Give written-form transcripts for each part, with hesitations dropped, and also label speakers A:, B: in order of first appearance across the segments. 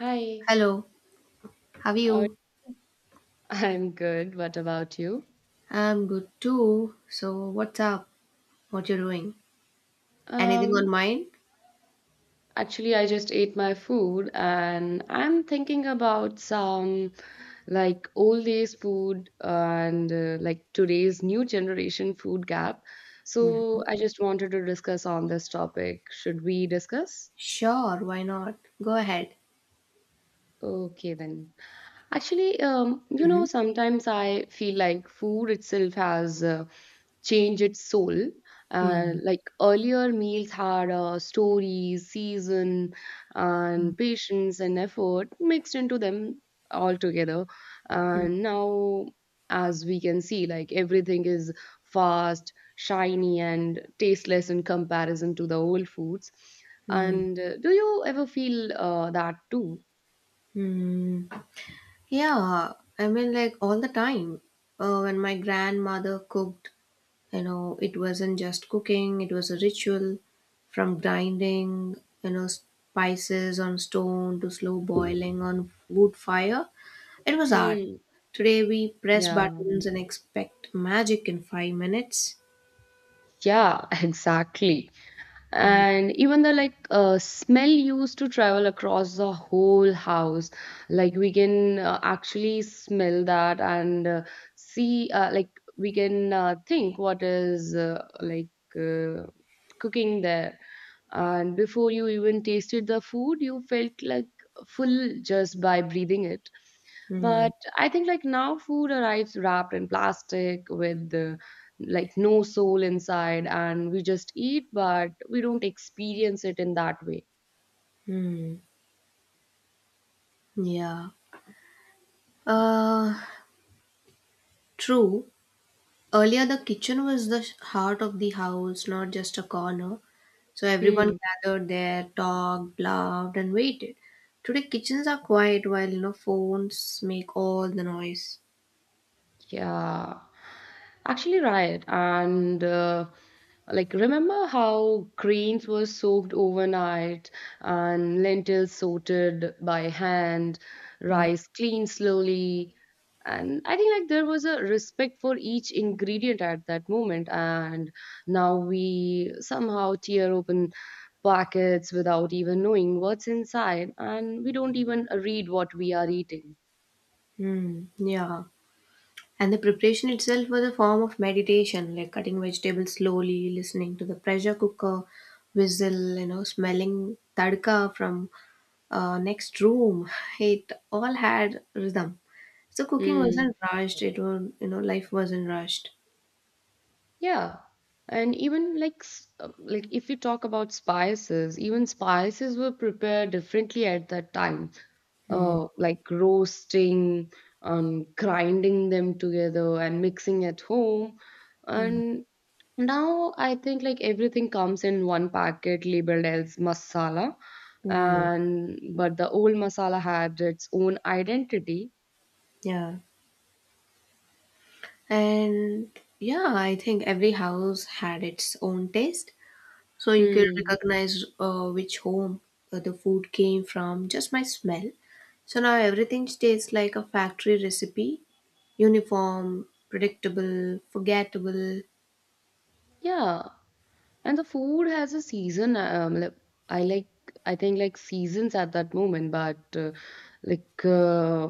A: Hi,
B: Hello, how are
A: how are-
B: you?
A: I'm good. What about you?
B: I'm good too. So, what's up? What you doing? Anything on
A: Um,
B: mind?
A: actually, I just ate my food and I'm thinking about some like old days food and like today's new generation food gap.
B: Mm.
A: So I just wanted to discuss on this topic. Should we discuss?
B: Sure, why not? Go ahead.
A: Okay, then. Actually,
B: Hmm.
A: sometimes I feel like food itself has changed its soul. Uh,
B: Hmm.
A: like earlier, meals had stories, season, and patience and effort mixed into them all together. And now, as we can see, like everything is fast, shiny, and tasteless in comparison to the old foods.
B: Hmm.
A: And do you ever feel that too?
B: Hmm. Yeah, I mean, like all the time. When my grandmother cooked, it wasn't just cooking, it was a ritual. From grinding, spices on stone to slow boiling on wood fire, it was art.
A: Hmm.
B: Today we press
A: Yeah.
B: buttons and expect magic in 5 minutes.
A: Yeah, exactly.
B: Hmm.
A: And even the like smell used to travel across the whole house. Like we can actually smell that and see, like we can think what is like uh, cooking there. And before you even tasted the food, you felt like full just by breathing it.
B: Hmm.
A: But I think like now food arrives wrapped in plastic with like no soul inside, and we just eat, but we don't experience it in that way.
B: Hmm. Yeah. Uh, true. Earlier, the kitchen was the heart of the house, not just a corner. So everyone
A: Hmm.
B: gathered there, talked, laughed, and waited. Today, kitchens are quiet while, phones make all the noise.
A: Yeah, actually, right. And like, remember how grains were soaked overnight and lentils sorted by hand,
B: Hmm.
A: rice cleaned slowly. And I think like there was a respect for each ingredient at that moment. And now we somehow tear open packets without even knowing what's inside, and we don't even read what we are eating.
B: Yeah. And the preparation itself was a form of meditation, like cutting vegetables slowly, listening to the pressure cooker whistle, smelling tadka from next room. It all had rhythm. So cooking
A: Hmm.
B: wasn't rushed. It was, life wasn't rushed.
A: Yeah, and even like if you talk about spices, even spices were prepared differently at that time.
B: Mm,
A: Like roasting, grinding them together and mixing at home.
B: mm,
A: And now I think like everything comes in one packet labeled as masala.
B: mm.
A: And but the old masala had its own identity.
B: Yeah. And yeah, I think every house had its own taste. So you could
A: Hmm.
B: recognize which home the food came from just by smell. So now everything tastes like a factory recipe: uniform, predictable, forgettable.
A: Yeah, and the food has a season. Like, I like, I think like seasons at that moment, but like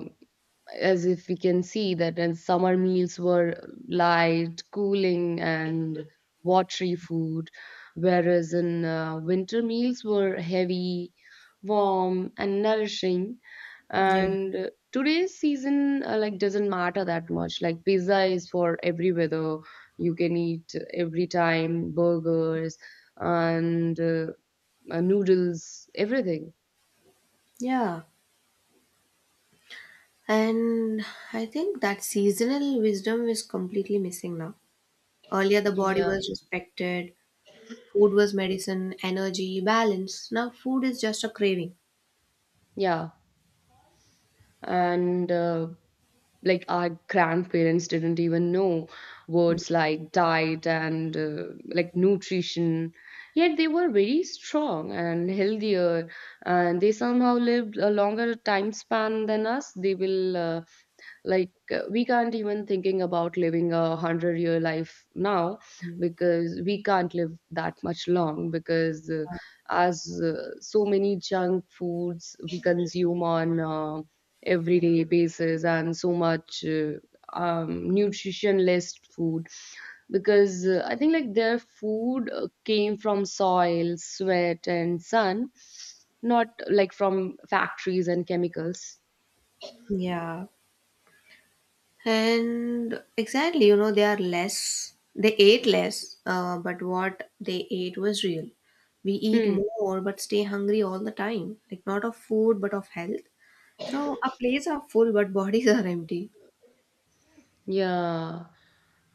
A: as if we can see that and summer meals were light cooling and watery food, whereas in winter meals were heavy warm and nourishing,
B: Yeah.
A: and today's season like doesn't matter that much. Like pizza is for every weather, you can eat every time burgers and noodles, everything.
B: Yeah. And I think that seasonal wisdom is completely missing now. Earlier, the body
A: Yeah,
B: was respected, food was medicine, energy, balance. Now, food is just a craving.
A: yeah. And like our grandparents didn't even know words like diet and like nutrition, yet they were very strong and healthier and they somehow lived a longer time span than us. They will uh, like uh, we can't even thinking about living a hundred-year life now
B: Mhm.
A: because we can't live that much long because as so many junk foods we consume on everyday basis and so much nutritionless food because I think like their food came from soil sweat and sun, not like from factories and chemicals.
B: Yeah. And exactly, they are less, they ate less, but what they ate was real. We eat
A: Hmm.
B: more but stay hungry all the time, like not of food but of health. So, our plates are full but bodies are empty.
A: Yeah.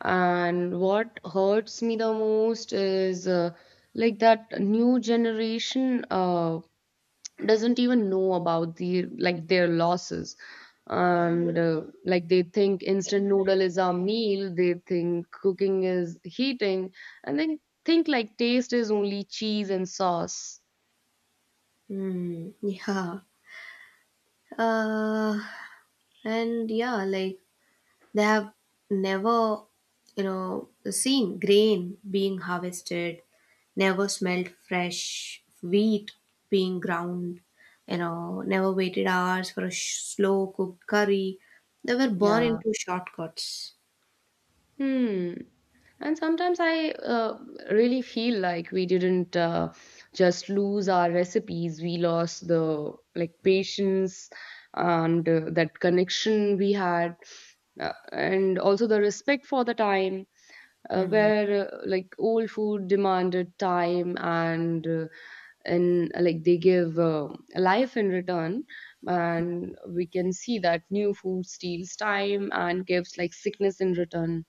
A: And what hurts me the most is like that new generation doesn't even know about the like their losses. And like they think instant noodle is a meal, they think cooking is heating, and they think like taste is only cheese and sauce.
B: Hmm. Yeah. Uh, and yeah, like they have never, seen grain being harvested, never smelled fresh wheat being ground, never waited hours for a slow cooked curry. They were born
A: Yeah.
B: into shortcuts.
A: Hmm. And sometimes I really feel like we didn't just lose our recipes, we lost the like patience and that connection we had, and also the respect for the time,
B: Mm.
A: where like old food demanded time and like they give life in return, and we can see that new food steals time and gives like sickness in return.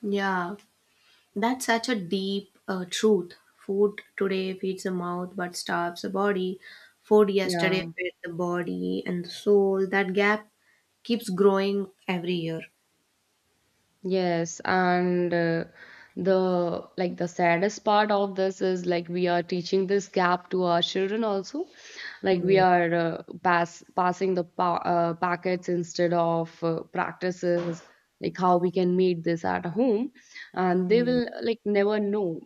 B: Yeah, that's such a deep truth. Food today feeds the mouth but starves the body. Food yesterday
A: Yeah,
B: fed the body and the soul. That gap keeps growing every year.
A: yes. And the like the saddest part of this is like we are teaching this gap to our children also. Like we are passing the pa packets instead of practices, like how we can make this at home. And they
B: Mm-hmm.
A: will like never know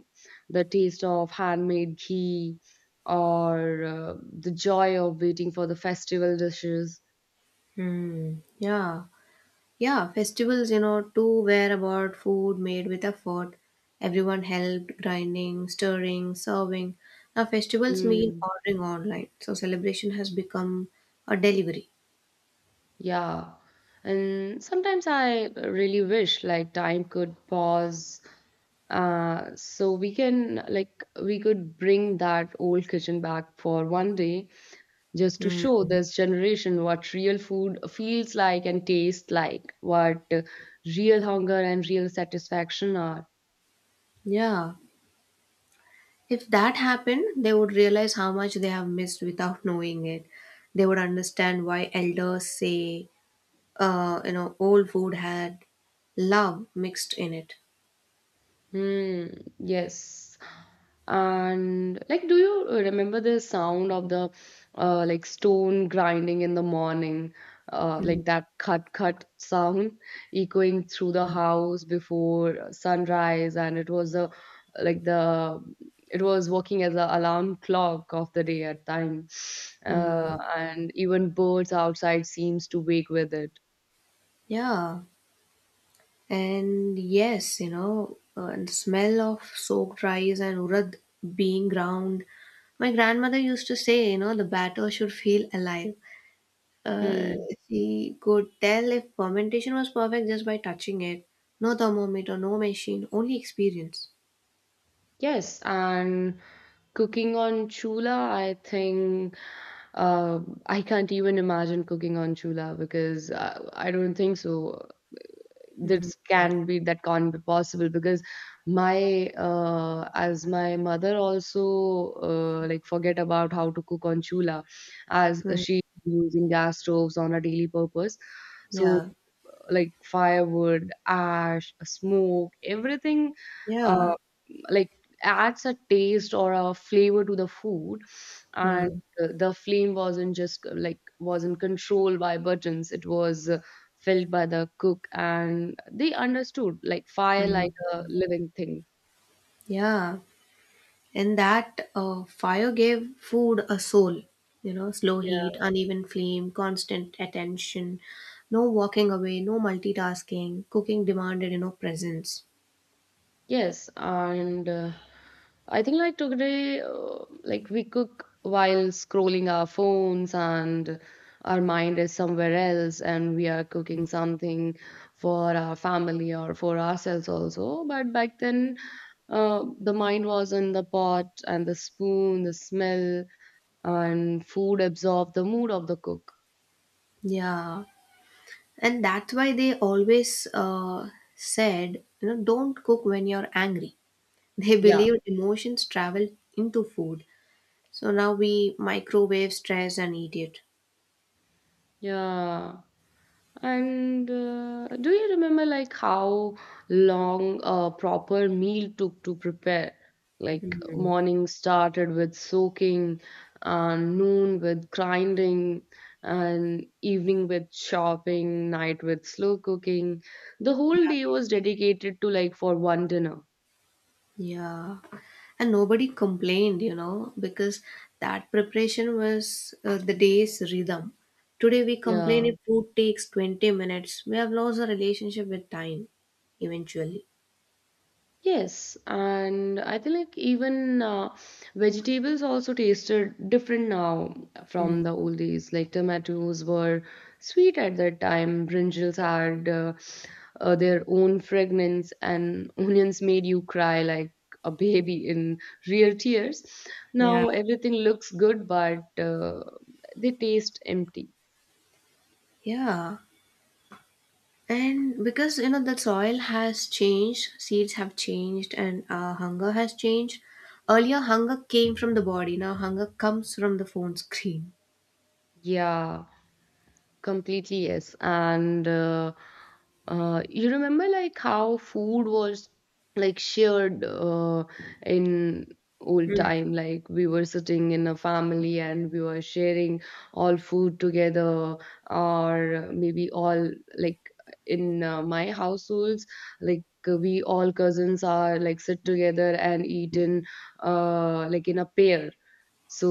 A: the taste of handmade ghee or the joy of waiting for the festival dishes.
B: Yeah, yeah. Festivals, too were about food made with effort. Everyone helped, grinding, stirring, serving. Now festivals mean
A: Hmm.
B: ordering online, so celebration has become a delivery.
A: Yeah. And sometimes I really wish like time could pause so we can like we could bring that old kitchen back for one day just to
B: Hmm.
A: show this generation what real food feels like and tastes like, what real hunger and real satisfaction are.
B: Yeah. If that happened, they would realize how much they have missed without knowing it. They would understand why elders say, old food had love mixed in it.
A: Hmm, yes. And like, do you remember the sound of the like stone grinding in the morning? Uh,
B: Hmm.
A: like that cut cut sound echoing through the house before sunrise, and like the it was working as a alarm clock of the day at time.
B: Mm.
A: And even birds outside seems to wake with it.
B: Yeah. And yes, and the smell of soaked rice and urad being ground. My grandmother used to say, the batter should feel alive. Uh,
A: Hmm.
B: she could tell if fermentation was perfect just by touching it. No thermometer, no machine, only experience.
A: Yes, and cooking on Chula, I think uh, I can't even imagine cooking on Chula because I don't think so.
B: Mm-hmm.
A: This can be that can't be possible because my as my mother also like forget about how to cook on Chula as she using gas stoves on a daily purpose. So
B: Yeah,
A: like firewood, ash, smoke, everything
B: yeah.
A: uh, like adds a taste or a flavor to the food, and
B: Mm-hmm.
A: the flame wasn't just like wasn't controlled by buttons, it was felt by the cook and they understood like fire like a living thing.
B: Yeah. And that fire gave food a soul. Slow
A: Yeah.
B: heat, uneven flame, constant attention, no walking away, no multitasking. Cooking demanded, presence.
A: Yes, and I think like today, like we cook while scrolling our phones and our mind is somewhere else and we are cooking something for our family or for ourselves also. But back then, the mind was in the pot and the spoon, the smell, and food absorbed the mood of the cook.
B: Yeah. And that's why they always said, don't cook when you're angry. They
A: Yeah.
B: believed emotions travel into food. So now we microwave stress and eat it.
A: Yeah. And do you remember like how long a proper meal took to prepare? Like
B: Mhm.
A: morning started with soaking, noon with grinding, and evening with chopping, night with slow cooking. The whole
B: Yeah.
A: day was dedicated to like for one dinner.
B: Yeah, and nobody complained, because that preparation was the day's rhythm. Today we complain
A: Yeah.
B: if food takes 20 minutes. We have lost our relationship with time eventually.
A: Yes, and I think like even vegetables also tasted different now from
B: Mm.
A: the old days. Like tomatoes were sweet at that time, brinjals had their own fragrance, and onions made you cry like a baby in real tears.
B: Yeah.
A: Now everything looks good, but they taste empty.
B: Yeah, and because the soil has changed, seeds have changed, and hunger has changed. Earlier, hunger came from the body. Now, hunger comes from the phone screen.
A: Yeah. Completely, yes. And you remember like how food was like shared in old
B: Mm.
A: time, like we were sitting in a family and we were sharing all food together, or maybe all like in my households, like we all cousins are like sit together and eat in like in a pair,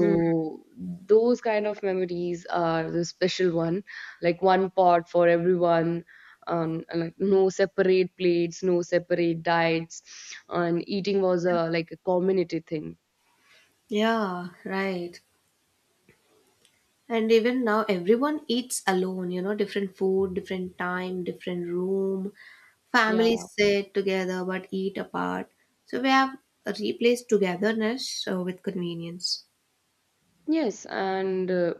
B: Mm.
A: those kind of memories are the special one, like one pot for everyone, and like no separate plates, no separate diets, and eating was a like a community thing.
B: Yeah, right. And even now, everyone eats alone, different food, different time, different room. Families
A: Yeah.
B: sit together but eat apart. So we have replaced togetherness with convenience.
A: Yes, and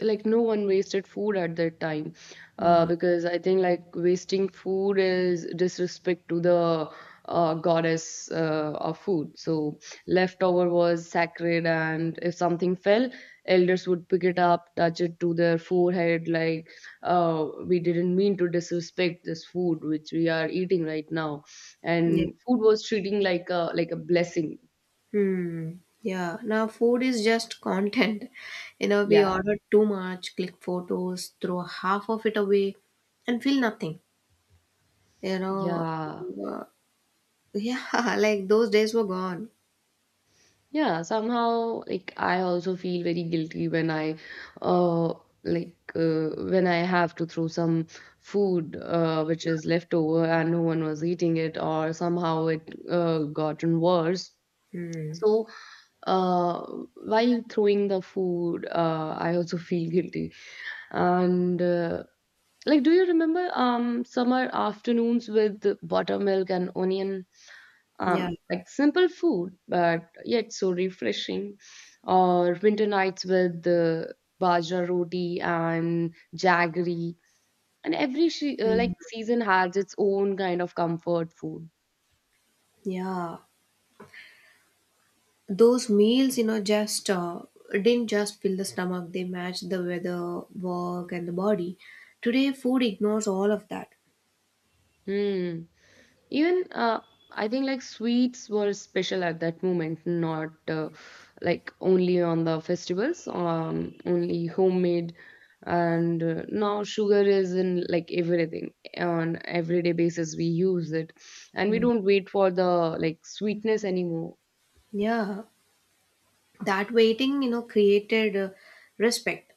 A: like no one wasted food at that time
B: Mm.
A: because I think like wasting food is disrespect to the goddess of food. So leftover was sacred, and if something fell, elders would pick it up, touch it to their forehead, like we didn't mean to disrespect this food which we are eating right now.
B: Yeah.
A: And food was treating like a blessing.
B: Hmm. Yeah. Now, food is just content. We
A: Yeah,
B: order too much, click photos, throw half of it away, and feel nothing. You know,
A: yeah.
B: uh, yeah, like those days were gone.
A: Yeah, somehow like I also feel very guilty uh when I have to throw some food which is left over and no one was eating it or somehow it gotten worse.
B: Hmm.
A: So uh while throwing the food I also feel guilty. And like do you remember summer afternoons with buttermilk and onion,
B: Yeah.
A: like simple food, but yet so refreshing. Or winter nights with the bajra roti and jaggery, and every
B: Hmm.
A: like season has its own kind of comfort food.
B: Yeah. Those meals, just didn't just fill the stomach, they matched the weather, work and the body. Today food ignores all of that.
A: Hmm. Even I think like sweets were special at that moment, not like only on the festivals, only homemade. And now sugar is in like everything on everyday basis. We use it, and we
B: Mm.
A: don't wait for the like sweetness anymore.
B: Yeah, that waiting, created respect.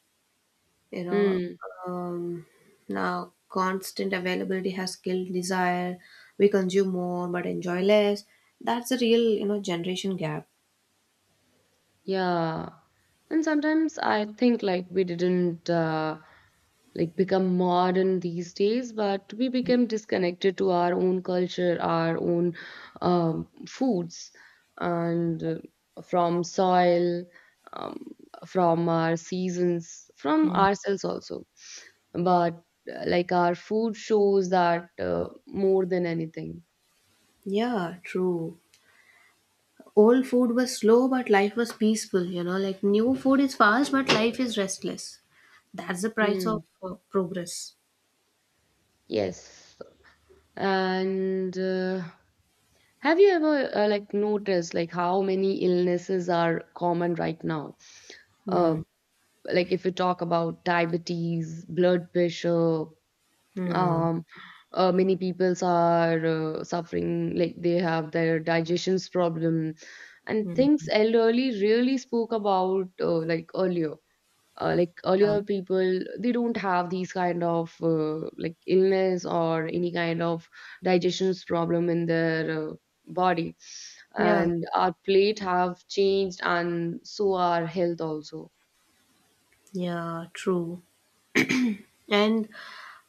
B: you know
A: Hmm.
B: um, Now constant availability has killed desire. We consume more but enjoy less. That's a real, generation gap.
A: Yeah. And sometimes I think like we didn't like become modern these days, but we became disconnected to our own culture, our own foods, and from soil, um, from our seasons, from
B: Mm.
A: ourselves also. But like our food shows that more than anything.
B: Yeah, true. Old food was slow but life was peaceful, like new food is fast but life is restless. That's the price of
A: Mm.
B: progress.
A: Yes. And have you ever like noticed like how many illnesses are common right now? Uh,
B: Hmm.
A: like, if you talk about diabetes, blood pressure,
B: Hmm.
A: um, many peoples are suffering like they have their digestion's problem and things
B: Hmm.
A: elderly really spoke about like earlier, like
B: Yeah.
A: earlier people they don't have these kind of like illness or any kind of digestion's problem in their body,
B: Yeah,
A: and our plate have changed and so our health also.
B: yeah, true. And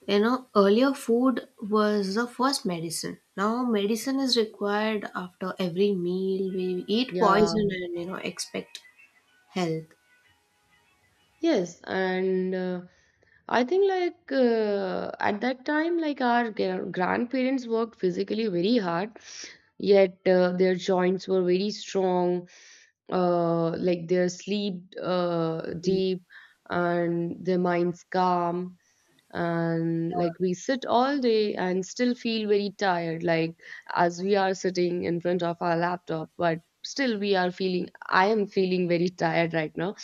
B: earlier food was the first medicine. Now medicine is required after every meal. We eat
A: Yeah.
B: poison and, expect health.
A: Yes, and I think like at that time, like our grandparents worked physically very hard, yet their joints were very strong, like their sleep deep, and their minds calm. And like we sit all day and still feel very tired, like as we are sitting in front of our laptop, but still we are feeling, I am feeling very tired right now,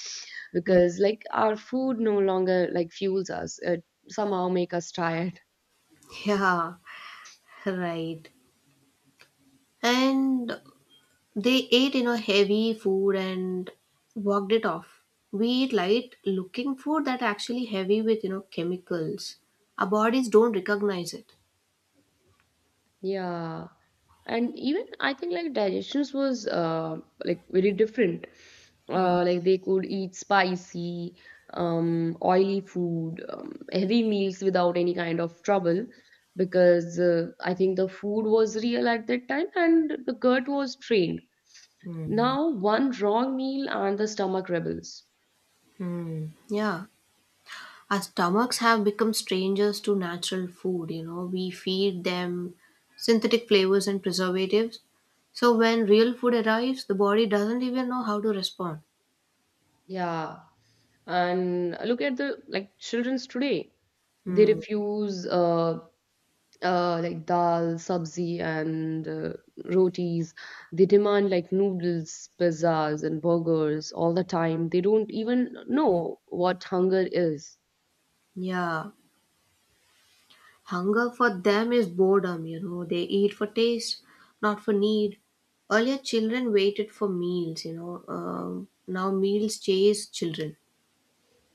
B: Hmm.
A: because like our food no longer like fuels us, it somehow make us tired.
B: Yeah, right. And they ate, heavy food and walked it off. We eat light looking food that actually heavy with, chemicals. Our bodies don't recognize it.
A: Yeah. And even I think like digestions was like very different. Like, they could eat spicy, oily food, heavy meals without any kind of trouble, because I think the food was real at that time and the gut was trained.
B: Mhm.
A: Now, one wrong meal and the stomach rebels.
B: Hmm. Yeah. Our stomachs have become strangers to natural food, We feed them synthetic flavors and preservatives. So when real food arrives, the body doesn't even know how to respond.
A: Yeah. And look at the like children's today. They
B: Hmm.
A: refuse like dal, sabzi, and rotis. They demand like noodles, pizzas, and burgers all the time. They don't even know what hunger is.
B: Yeah. Hunger for them is boredom, They eat for taste, not for need. Earlier, children waited for meals, now, meals chase children.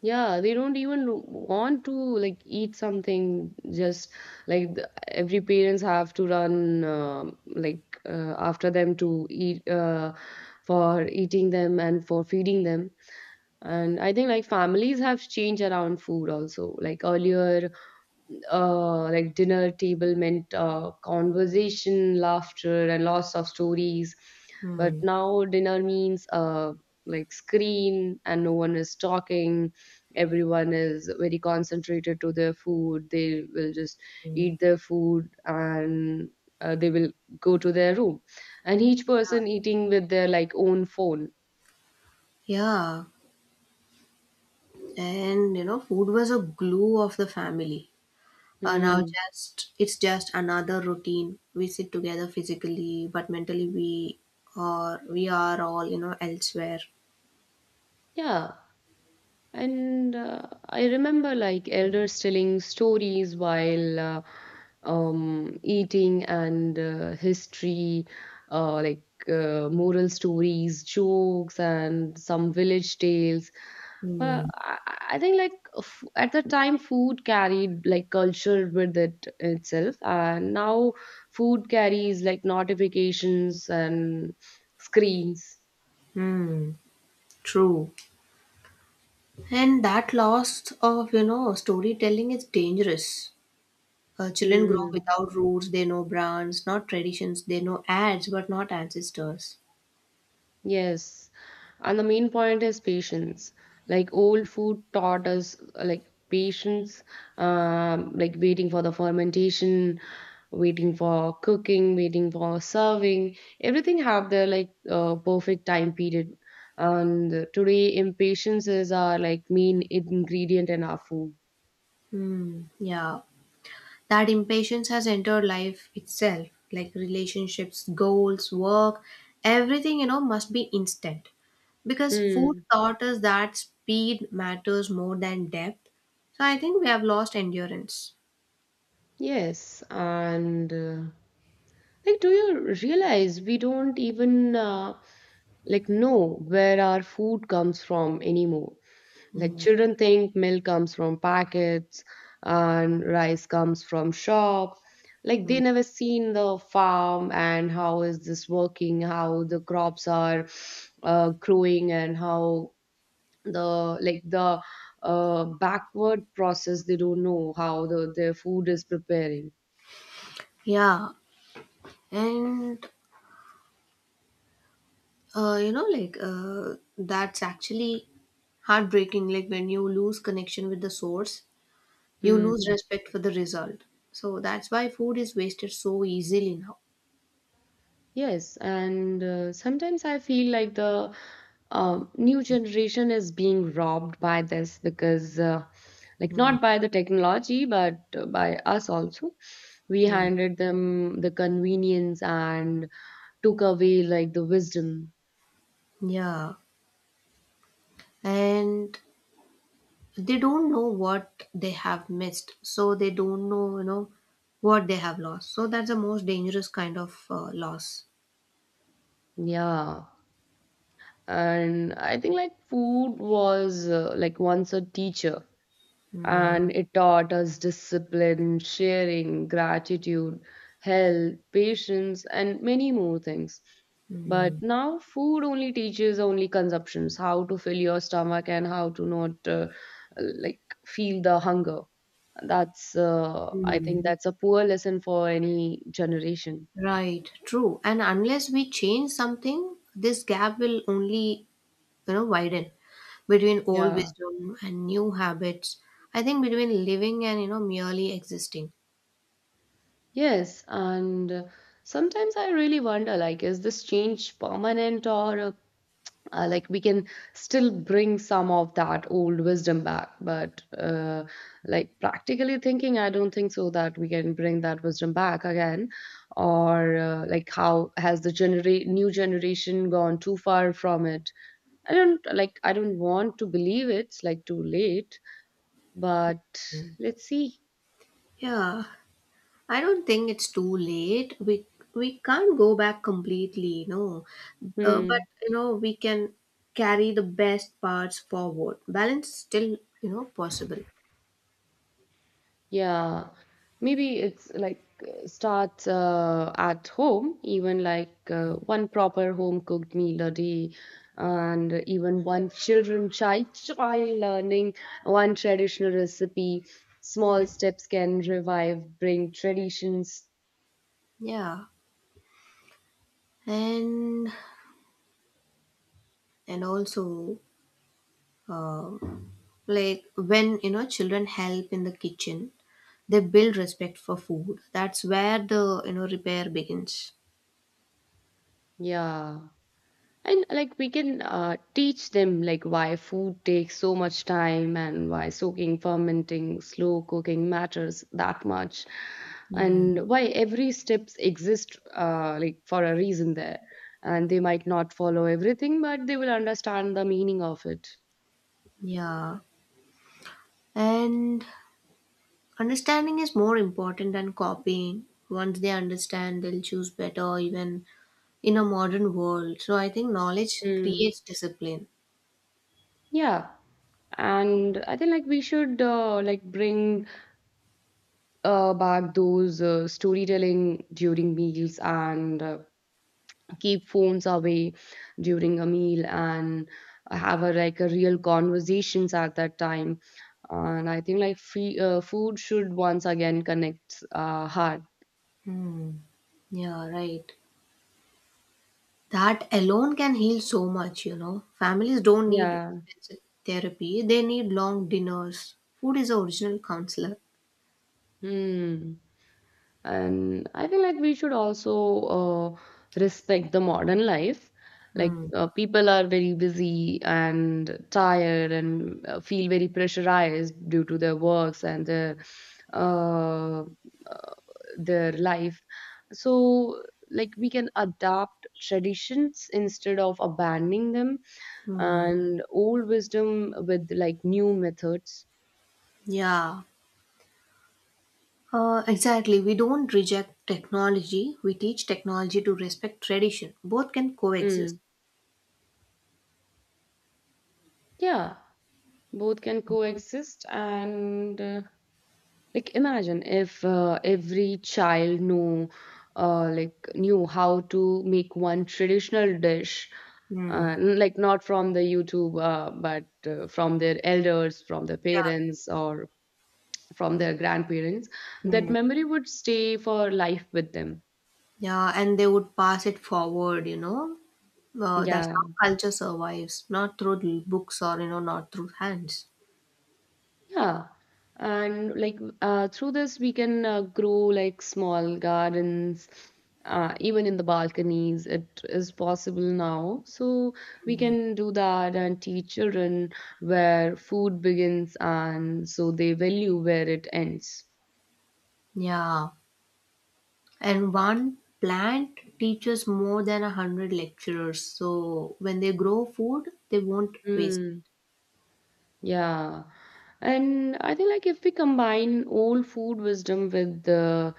A: Yeah, they don't even want to like eat something. Just like the, every parents have to run after them to eat for eating them and for feeding them. And I think like families have changed around food also. Like earlier, like dinner table meant conversation, laughter, and lots of stories. But
B: Hmm.
A: now dinner means like screen, and no one is talking. Everyone is very concentrated to their food. They will just eat their food and they will go to their room. And each person eating with their like own phone.
B: Yeah, and food was a glue of the family. Now,
A: Hmm.
B: just it's just another routine. We sit together physically, but mentally we are all, elsewhere.
A: Yeah. And I remember like elders telling stories while eating and history, moral stories, jokes, and some village tales. But
B: Hmm.
A: I think like at the time, food carried like culture with it itself, and now food carries like notifications and screens.
B: Hmm. True. And that loss of, storytelling is dangerous. Children grow
A: Hmm.
B: without roots, they know brands, not traditions, they know ads, but not ancestors.
A: Yes, and the main point is patience. Like old food taught us, like patience, like waiting for the fermentation, waiting for cooking, waiting for serving. Everything have their like perfect time period. And today, impatience is our like main ingredient in our food.
B: Hmm, yeah. That impatience has entered life itself, like relationships, goals, work, everything, must be instant. Because food
A: Hmm.
B: taught us that speed matters more than depth. So I think we have lost endurance.
A: Yes, and. Like, do you realize we don't even like know where our food comes from anymore? Like,
B: Hmm,
A: children think milk comes from packets and rice comes from shop. Like,
B: hmm.
A: they never seen the farm and how is this working, how the crops are growing, and how the like the backward process. They don't know how the their food is preparing.
B: Yeah. And like that's actually heartbreaking. Like when you lose connection with the source, you lose
A: Hmm.
B: respect for the result. So that's why food is wasted so easily now.
A: Yes, and sometimes I feel like the new generation is being robbed by this because, like,
B: Mm,
A: not by the technology, but by us also. We
B: mm.
A: handed them the convenience and took away like the wisdom.
B: Yeah, and they don't know what they have missed, so they don't know, what they have lost. So that's the most dangerous kind of loss.
A: Yeah. And I think like food was like once a teacher,
B: Mm,
A: and it taught us discipline, sharing, gratitude, health, patience, and many more things. But
B: mm,
A: now, food only teaches only consumptions, how to fill your stomach and how to not like feel the hunger. That's, I
B: Hmm.
A: think, that's a poor lesson for any generation.
B: Right, true. And unless we change something, this gap will only, widen between old
A: Yeah.
B: wisdom and new habits. I think between living and, merely existing.
A: Yes, and sometimes I really wonder like, is this change permanent or like we can still bring some of that old wisdom back? But like practically thinking, I don't think so that we can bring that wisdom back again. Or like, how has the new generation gone too far from it? I don't like, I don't want to believe it's like too late, but let's see.
B: Yeah, I don't think it's too late. We can't go back completely, no. But
A: Hmm.
B: we can carry the best parts forward. Balance is still, possible.
A: Yeah, maybe it's like starts at home, even like one proper home cooked meal a day, and even one child learning one traditional recipe. Small steps can revive, bring traditions.
B: Yeah. and and also, um like when children help in the kitchen, they build respect for food. That's where the, repair begins.
A: Yeah. And like we can teach them like why food takes so much time and why soaking, fermenting, slow cooking matters that much,
B: Hmm.
A: and why every steps exist like for a reason there, and they might not follow everything, but they will understand the meaning of it.
B: Yeah. And understanding is more important than copying. Once they understand, they'll choose better even in a modern world. So I think knowledge
A: Mm.
B: creates discipline.
A: Yeah. And I think like we should like bring back those storytelling during meals and keep phones away during a meal, and have a like a real conversations at that time, and I think like free, food should once again connect heart.
B: Hmm. Yeah, right. That alone can heal so much, Families don't need
A: Yeah.
B: expensive therapy, they need long dinners. Food is the original counselor.
A: Hmm. And I feel like we should also uh, respect the modern life, like
B: Hmm.
A: people are very busy and tired and feel very pressurized due to their works and uh, uh, their life. So like we can adapt traditions instead of abandoning them,
B: Hmm.
A: and old wisdom with like new methods.
B: Yeah, exactly. We don't reject technology. We teach technology to respect tradition. Both can coexist.
A: Mm. Yeah, both can coexist and like imagine if every child knew like knew how to make one traditional dish,
B: Hmm.
A: like not from the YouTube, but from their elders, from their
B: Yeah.
A: parents, or from their grandparents. That
B: Hmm.
A: memory would stay for life with them.
B: Yeah, and they would pass it forward, that's
A: Yeah.
B: how culture survives, not through books or, not through hands.
A: Yeah, and like through this we can grow like small gardens, even in the balconies. It is possible now, so we can do that and teach children where food begins and so they value where it ends.
B: Yeah. And one plant teaches more than 100 lecturers. So when they grow food, they won't waste.
A: Hmm. Yeah. And I think like if we combine old food wisdom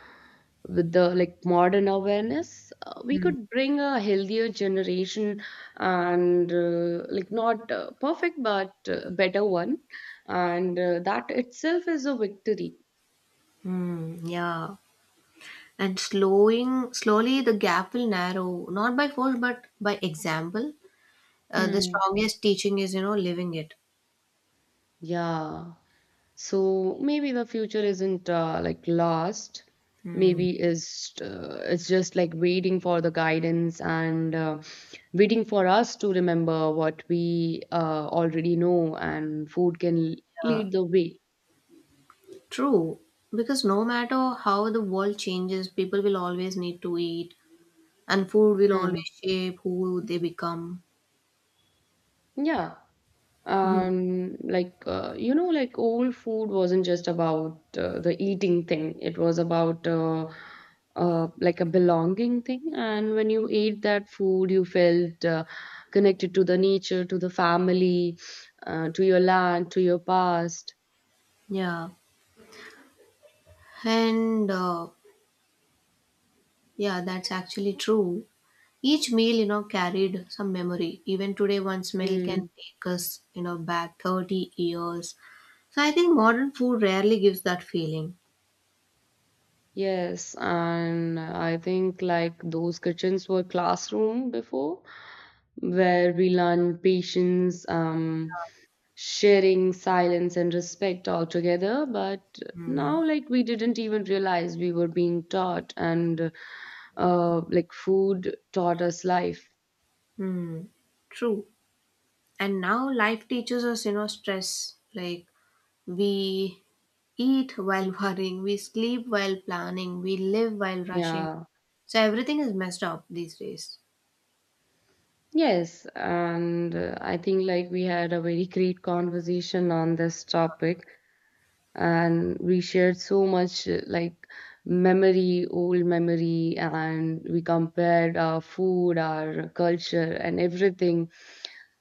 A: with the like modern awareness, we
B: Mm.
A: could bring a healthier generation and like not perfect but better one. And that itself is a victory.
B: Mm, yeah. And slowing slowly the gap will narrow, not by force but by example. The
A: Hmm.
B: strongest teaching is, living it.
A: Yeah. So maybe the future isn't like lost.
B: Mm,
A: Maybe is it's just like waiting for the guidance and waiting for us to remember what we already know, and food can
B: yeah.
A: lead the way.
B: True. Because no matter how the world changes, people will always need to eat, and food will always
A: Mm.
B: shape who they become.
A: Yeah.
B: Mm,
A: You know, like old food wasn't just about the eating thing, it was about like a belonging thing, and when you ate that food you felt connected to the nature, to the family, to your land, to your past.
B: yeah. And yeah, that's actually true. Each meal, carried some memory. Even today, one smell can
A: Mm.
B: take us, back 30 years. So I think modern food rarely gives that feeling.
A: Yes, and I think like those kitchens were classroom before, where we learn patience, sharing, silence, and respect altogether, but
B: Mm.
A: now like we didn't even realize we were being taught, and like food taught us life.
B: Hmm. True. And now life teaches us, stress. Like we eat while worrying, we sleep while planning, we live while rushing.
A: Yeah.
B: So everything is messed up these days.
A: Yes, and I think like we had a very great conversation on this topic, and we shared so much like memory, old memory, and we compared our food, our culture, and everything.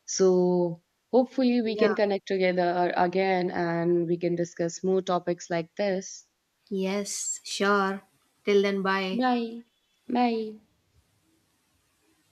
A: So hopefully we
B: Yeah.
A: can connect together again, and we can discuss more topics like this.
B: Yes, sure. Till then, bye.
A: Bye. Bye.